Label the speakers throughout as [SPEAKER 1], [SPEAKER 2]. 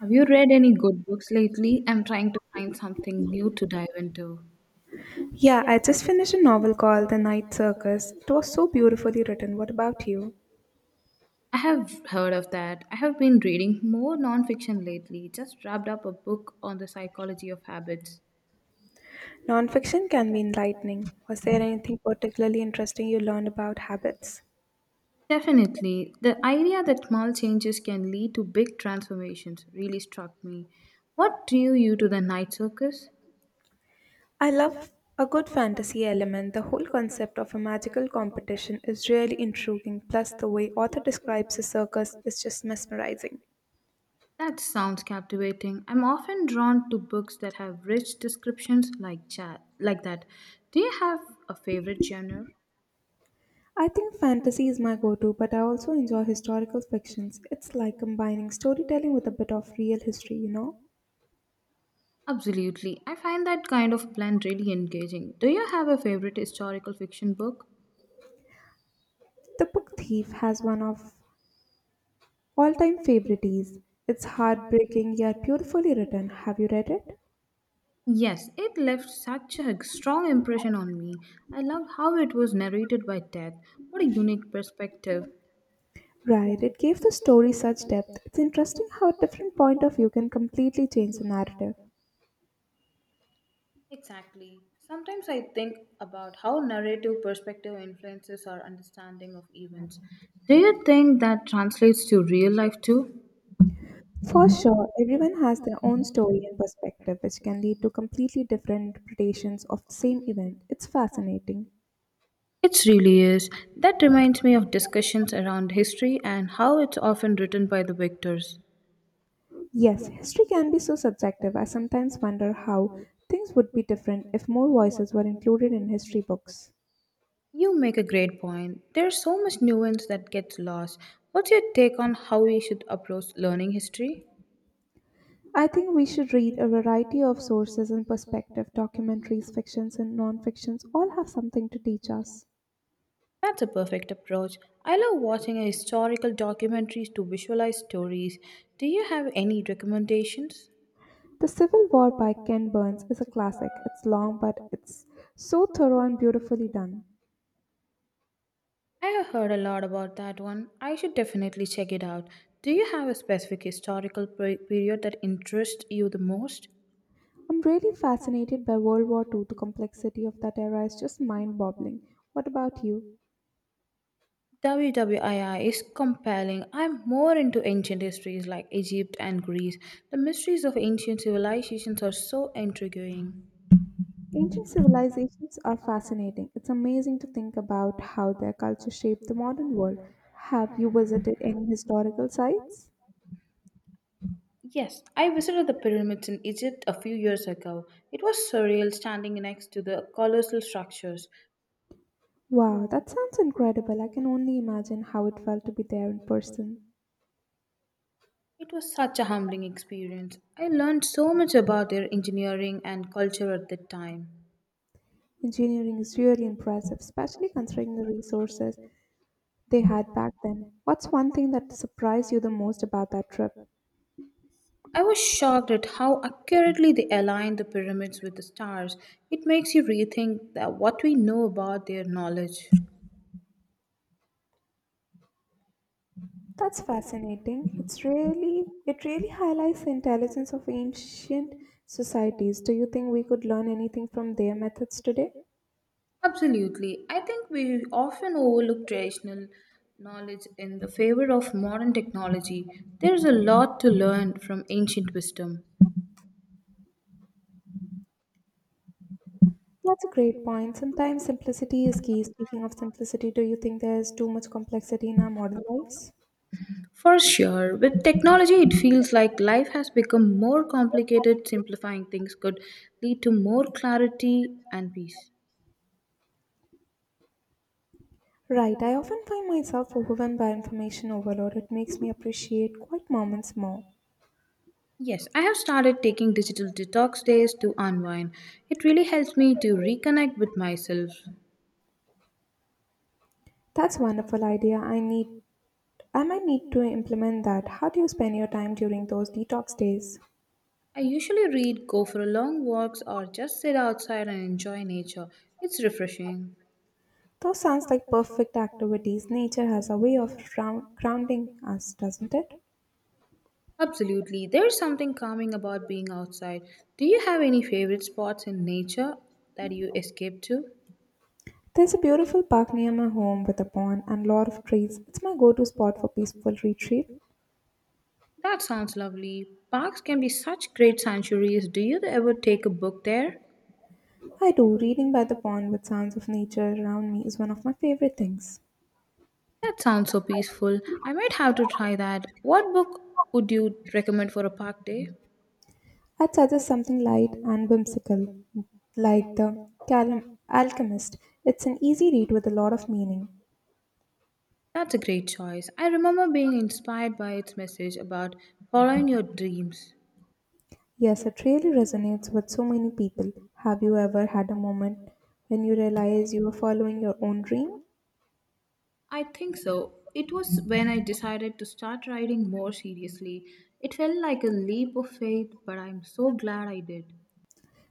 [SPEAKER 1] Have you read any good books lately? I'm trying to find something new to dive into.
[SPEAKER 2] Yeah, I just finished a novel called The Night Circus. It was so beautifully written. What about you?
[SPEAKER 1] I have heard of that. I have been reading more nonfiction lately. Just wrapped up a book on the psychology of habits.
[SPEAKER 2] Nonfiction can be enlightening. Was there anything particularly interesting you learned about habits?
[SPEAKER 1] Definitely. The idea that small changes can lead to big transformations really struck me. What drew you to the Night Circus?
[SPEAKER 2] I love a good fantasy element. The whole concept of a magical competition is really intriguing, plus, the way author describes a circus is just mesmerizing.
[SPEAKER 1] That sounds captivating. I'm often drawn to books that have rich descriptions like chat like that. Do you have a favorite genre?
[SPEAKER 2] I think fantasy is my go to, but I also enjoy historical fictions. It's like combining storytelling with a bit of real history, you know?
[SPEAKER 1] Absolutely. I find that kind of plan really engaging. Do you have a favorite historical fiction book?
[SPEAKER 2] The Book Thief has one of, all time favorite is, it's heartbreaking yet beautifully written. Have you read it?
[SPEAKER 1] Yes, it left such a strong impression on me. I loved how it was narrated by death. What a unique perspective.
[SPEAKER 2] Right, it gave the story such depth. It's interesting how a different point of view can completely change the narrative.
[SPEAKER 1] Exactly. Sometimes I think about how narrative perspective influences our understanding of events. Do you think that translates to real life too?
[SPEAKER 2] For sure, everyone has their own story and perspective, which can lead to completely different interpretations of the same event. It's fascinating.
[SPEAKER 1] It really is. That reminds me of discussions around history and how it's often written by the victors.
[SPEAKER 2] Yes, history can be so subjective. I sometimes wonder how things would be different if more voices were included in history books.
[SPEAKER 1] You make a great point. There's so much nuance that gets lost. What's your take on how we should approach learning history?
[SPEAKER 2] I think we should read a variety of sources and perspective documentaries, fictions, and non fictions all have something to teach us.
[SPEAKER 1] That's a perfect approach. I love watching a historical documentaries to visualize stories. Do you have any recommendations?
[SPEAKER 2] The Civil War by Ken Burns is a classic. It's long, but it's so thorough and beautifully done.
[SPEAKER 1] I have heard a lot about that one. I should definitely check it out. Do you have a specific period that interests you the most?
[SPEAKER 2] I'm really fascinated by World War II. The complexity of that era is just mind boggling. What about you?
[SPEAKER 1] WWII is compelling. I'm more into ancient histories like Egypt and Greece. The mysteries of ancient civilizations are so intriguing.
[SPEAKER 2] Ancient civilizations are fascinating. It's amazing to think about how their culture shaped the modern world. Have you visited any historical sites?
[SPEAKER 1] Yes, I visited the pyramids in Egypt a few years ago. It was surreal standing next to the colossal structures.
[SPEAKER 2] Wow, that sounds incredible. I can only imagine how it felt to be there in person.
[SPEAKER 1] It was such a humbling experience. I learned so much about their engineering and culture at that time.
[SPEAKER 2] Engineering is really impressive, especially considering the resources they had back then. What's one thing that surprised you the most about that trip?
[SPEAKER 1] I was shocked at how accurately they aligned the pyramids with the stars. It makes you rethink that what we know about their knowledge.
[SPEAKER 2] That's fascinating. It really highlights the intelligence of ancient societies. Do you think we could learn anything from their methods today?
[SPEAKER 1] Absolutely. I think we often overlook traditional knowledge in the favor of modern technology. There's a lot to learn from ancient wisdom.
[SPEAKER 2] That's a great point. Sometimes simplicity is key. Speaking of simplicity, do you think there's too much complexity in our modern lives?
[SPEAKER 1] For sure, with technology, it feels like life has become more complicated. Simplifying things could lead to more clarity and peace.
[SPEAKER 2] Right, I often find myself overwhelmed by information overload. It makes me appreciate quiet moments more.
[SPEAKER 1] Yes, I have started taking digital detox days to unwind. It really helps me to reconnect with myself.
[SPEAKER 2] That's a wonderful idea. I might need to implement that. How do you spend your time during those detox days?
[SPEAKER 1] I usually read, go for long walks, or just sit outside and enjoy nature. It's refreshing.
[SPEAKER 2] Those sounds like perfect activities. Nature has a way of grounding us, doesn't it?
[SPEAKER 1] Absolutely, there's something calming about being outside. Do you have any favorite spots in nature that you escape to?
[SPEAKER 2] There's a beautiful park near my home with a pond and lot of trees. It's my go to spot for peaceful retreat.
[SPEAKER 1] That sounds lovely. Parks can be such great sanctuaries. Do you ever take a book there?
[SPEAKER 2] I do. Reading by the pond with sounds of nature around me is one of my favorite things.
[SPEAKER 1] That sounds so peaceful. I might have to try that. What book would you recommend for a park day?
[SPEAKER 2] I'd suggest something light and whimsical, like Alchemist. It's an easy read with a lot of meaning.
[SPEAKER 1] That's a great choice. I remember being inspired by its message about following your dreams.
[SPEAKER 2] Yes, it really resonates with so many people. Have you ever had a moment when you realize you were following your own dream?
[SPEAKER 1] I think so. It was when I decided to start writing more seriously. It felt like a leap of faith, but I'm so glad I did.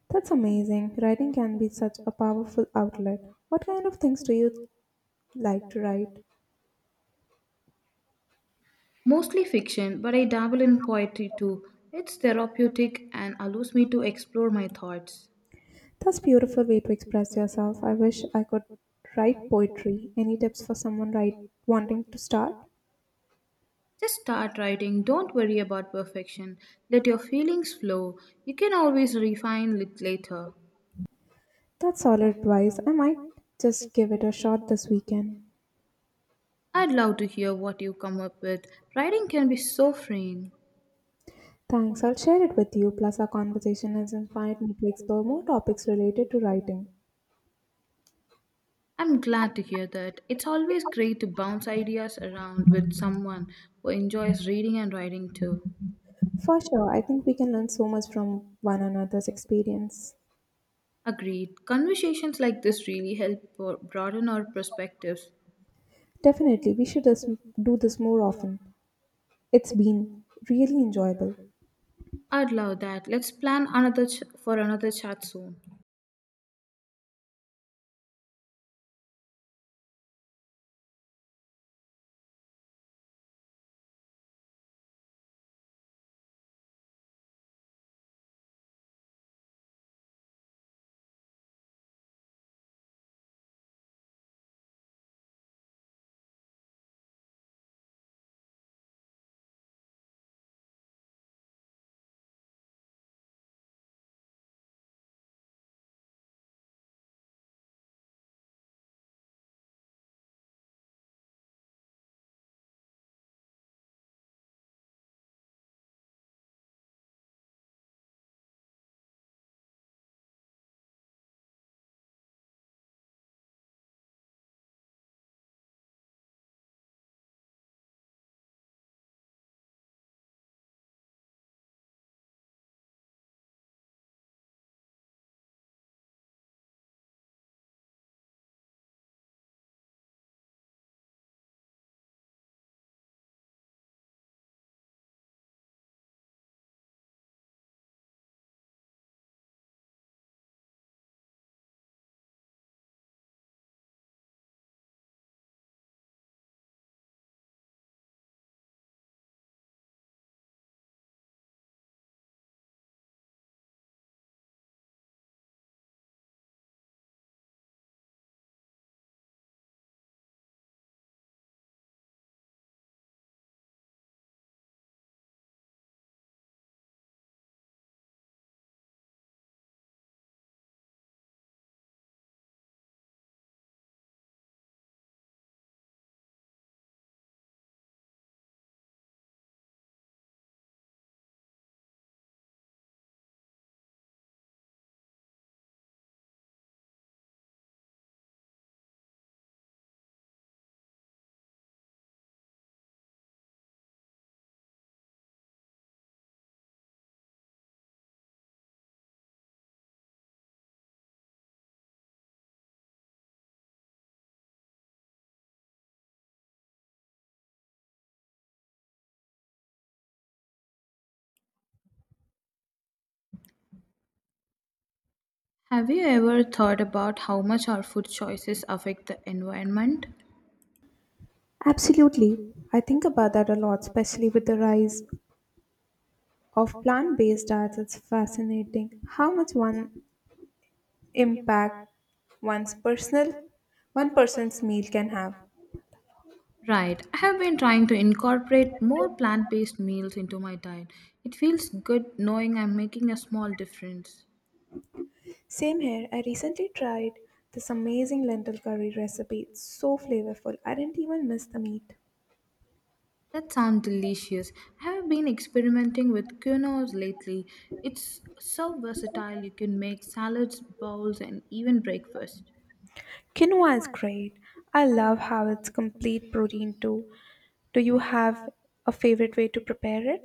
[SPEAKER 2] That's amazing. Writing can be such a powerful outlet. What kind of things do you like to write?
[SPEAKER 1] Mostly fiction, but I dabble in poetry too. It's therapeutic and allows me to explore my thoughts.
[SPEAKER 2] That's beautiful way to express yourself. I wish I could write poetry. Any tips for someone wanting to start?
[SPEAKER 1] Just start writing. Don't worry about perfection. Let your feelings flow. You can always refine it later.
[SPEAKER 2] That's solid advice. I might just give it a shot this weekend.
[SPEAKER 1] I'd love to hear what you come up with. Writing can be so freeing.
[SPEAKER 2] Thanks, I'll share it with you. Plus, our conversation has inspired me to explore more topics related to writing.
[SPEAKER 1] I'm glad to hear that. It's always great to bounce ideas around with someone who enjoys reading and writing too.
[SPEAKER 2] For sure, I think we can learn so much from one another's experience.
[SPEAKER 1] Agreed. Conversations like this really help broaden our perspectives.
[SPEAKER 2] Definitely, we should just do this more often. It's been really enjoyable.
[SPEAKER 1] I'd love that. Let's plan for another chat soon. Have you ever thought about how much our food choices affect the environment?
[SPEAKER 2] Absolutely. I think about that a lot, especially with the rise of plant based diets. It's fascinating how much one impact one's personal one person's meal can have.
[SPEAKER 1] Right, I have been trying to incorporate more plant based meals into my diet. It feels good knowing I'm making a small difference.
[SPEAKER 2] Same here. I recently tried this amazing lentil curry recipe. It's so flavorful. I didn't even miss the meat.
[SPEAKER 1] That sounds delicious. I have been experimenting with quinoa lately. It's so versatile, you can make salads, bowls, and even breakfast.
[SPEAKER 2] Quinoa is great. I love how it's complete protein too. Do you have a favorite way to prepare it?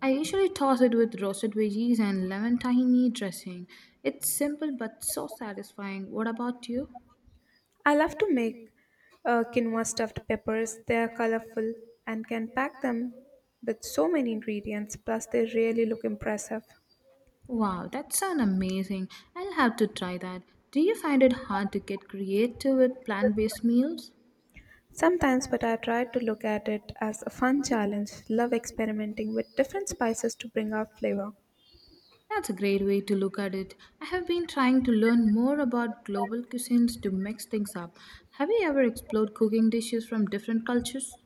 [SPEAKER 1] I usually toss it with roasted veggies and lemon tahini dressing. It's simple but so satisfying. What about you?
[SPEAKER 2] I love to make quinoa stuffed peppers. They are colorful and can pack them with so many ingredients. Plus, they really look impressive.
[SPEAKER 1] Wow, that sounds amazing. I'll have to try that. Do you find it hard to get creative with plant based meals?
[SPEAKER 2] Sometimes, but I try to look at it as a fun challenge, love experimenting with different spices to bring out flavor.
[SPEAKER 1] That's a great way to look at it. I have been trying to learn more about global cuisines to mix things up. Have you ever explored cooking dishes from different cultures?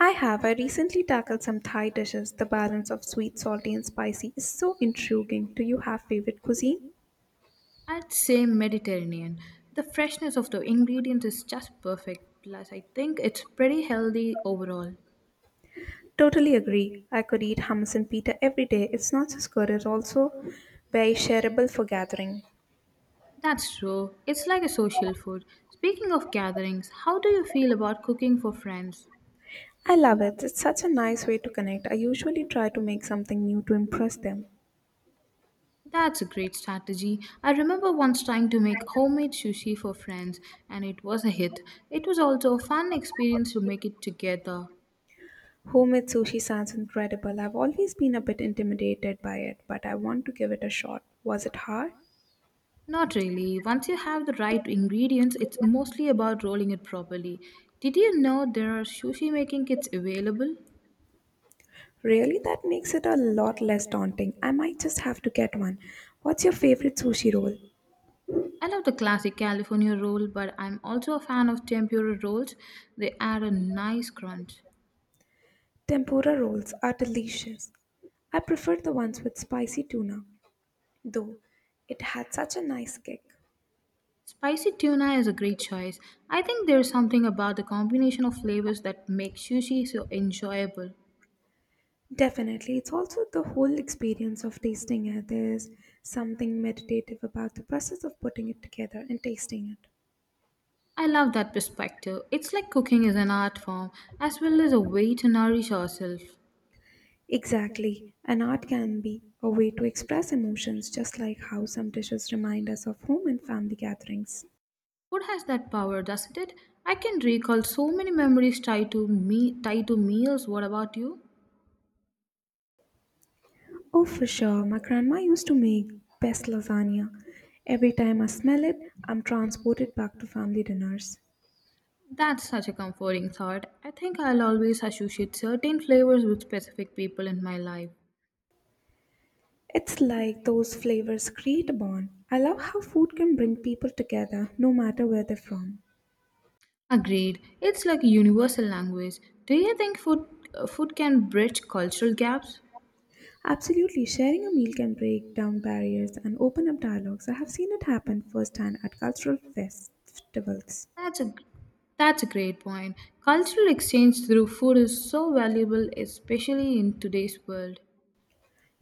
[SPEAKER 2] I have. I recently tackled some Thai dishes. The balance of sweet, salty, and spicy is so intriguing. Do you have favorite cuisine?
[SPEAKER 1] I'd say Mediterranean. The freshness of the ingredients is just perfect, plus, I think it's pretty healthy overall.
[SPEAKER 2] Totally agree. I could eat hummus and pita every day. It's not just good, it's also very shareable for gathering.
[SPEAKER 1] That's true. It's like a social food. Speaking of gatherings, how do you feel about cooking for friends?
[SPEAKER 2] I love it. It's such a nice way to connect. I usually try to make something new to impress them.
[SPEAKER 1] That's a great strategy. I remember once trying to make homemade sushi for friends, and it was a hit. It was also a fun experience to make it together.
[SPEAKER 2] Homemade sushi sounds incredible. I've always been a bit intimidated by it, but I want to give it a shot. Was it hard?
[SPEAKER 1] Not really. Once you have the right ingredients, it's mostly about rolling it properly. Did you know there are sushi making kits available?
[SPEAKER 2] Really, that makes it a lot less daunting. I might just have to get one. What's your favorite sushi roll?
[SPEAKER 1] I love the classic California roll, but I'm also a fan of tempura rolls. They add a nice crunch.
[SPEAKER 2] Tempura rolls are delicious. I prefer the ones with spicy tuna, though it had such a nice kick.
[SPEAKER 1] Spicy tuna is a great choice. I think there's something about the combination of flavors that makes sushi so enjoyable.
[SPEAKER 2] Definitely, it's also the whole experience of tasting it. There's something meditative about the process of putting it together and tasting it.
[SPEAKER 1] I love that perspective. It's like cooking is an art form as well as a way to nourish ourselves.
[SPEAKER 2] Exactly. And art can be a way to express emotions, just like how some dishes remind us of home and family gatherings.
[SPEAKER 1] Food has that power, doesn't it? I can recall so many memories tied to meals. What about you?
[SPEAKER 2] Oh, for sure. My grandma used to make best lasagna. Every time I smell it, I'm transported back to family dinners.
[SPEAKER 1] That's such a comforting thought. I think I'll always associate certain flavors with specific people in my life.
[SPEAKER 2] It's like those flavors create a bond. I love how food can bring people together no matter where they're from.
[SPEAKER 1] Agreed. It's like a universal language. Do you think food can bridge cultural gaps?
[SPEAKER 2] Absolutely, sharing a meal can break down barriers and open up dialogues. I have seen it happen firsthand at cultural festivals.
[SPEAKER 1] That's a that's a great point. Cultural exchange through food is so valuable, especially in today's world.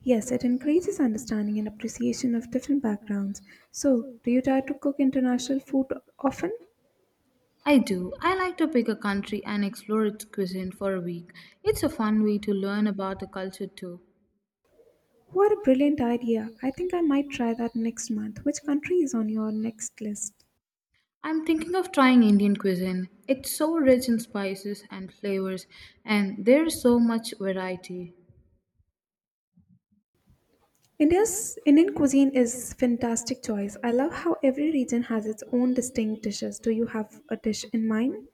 [SPEAKER 2] Yes, it increases understanding and appreciation of different backgrounds. So, do you try to cook international food often?
[SPEAKER 1] I do. I like to pick a country and explore its cuisine for a week. It's a fun way to learn about the culture too.
[SPEAKER 2] What a brilliant idea. I think I might try that next month. Which country is on your next list?
[SPEAKER 1] I'm thinking of trying Indian cuisine. It's so rich in spices and flavors, and there's so much variety.
[SPEAKER 2] India's Indian cuisine is fantastic choice. I love how every region has its own distinct dishes. Do you have a dish in mind?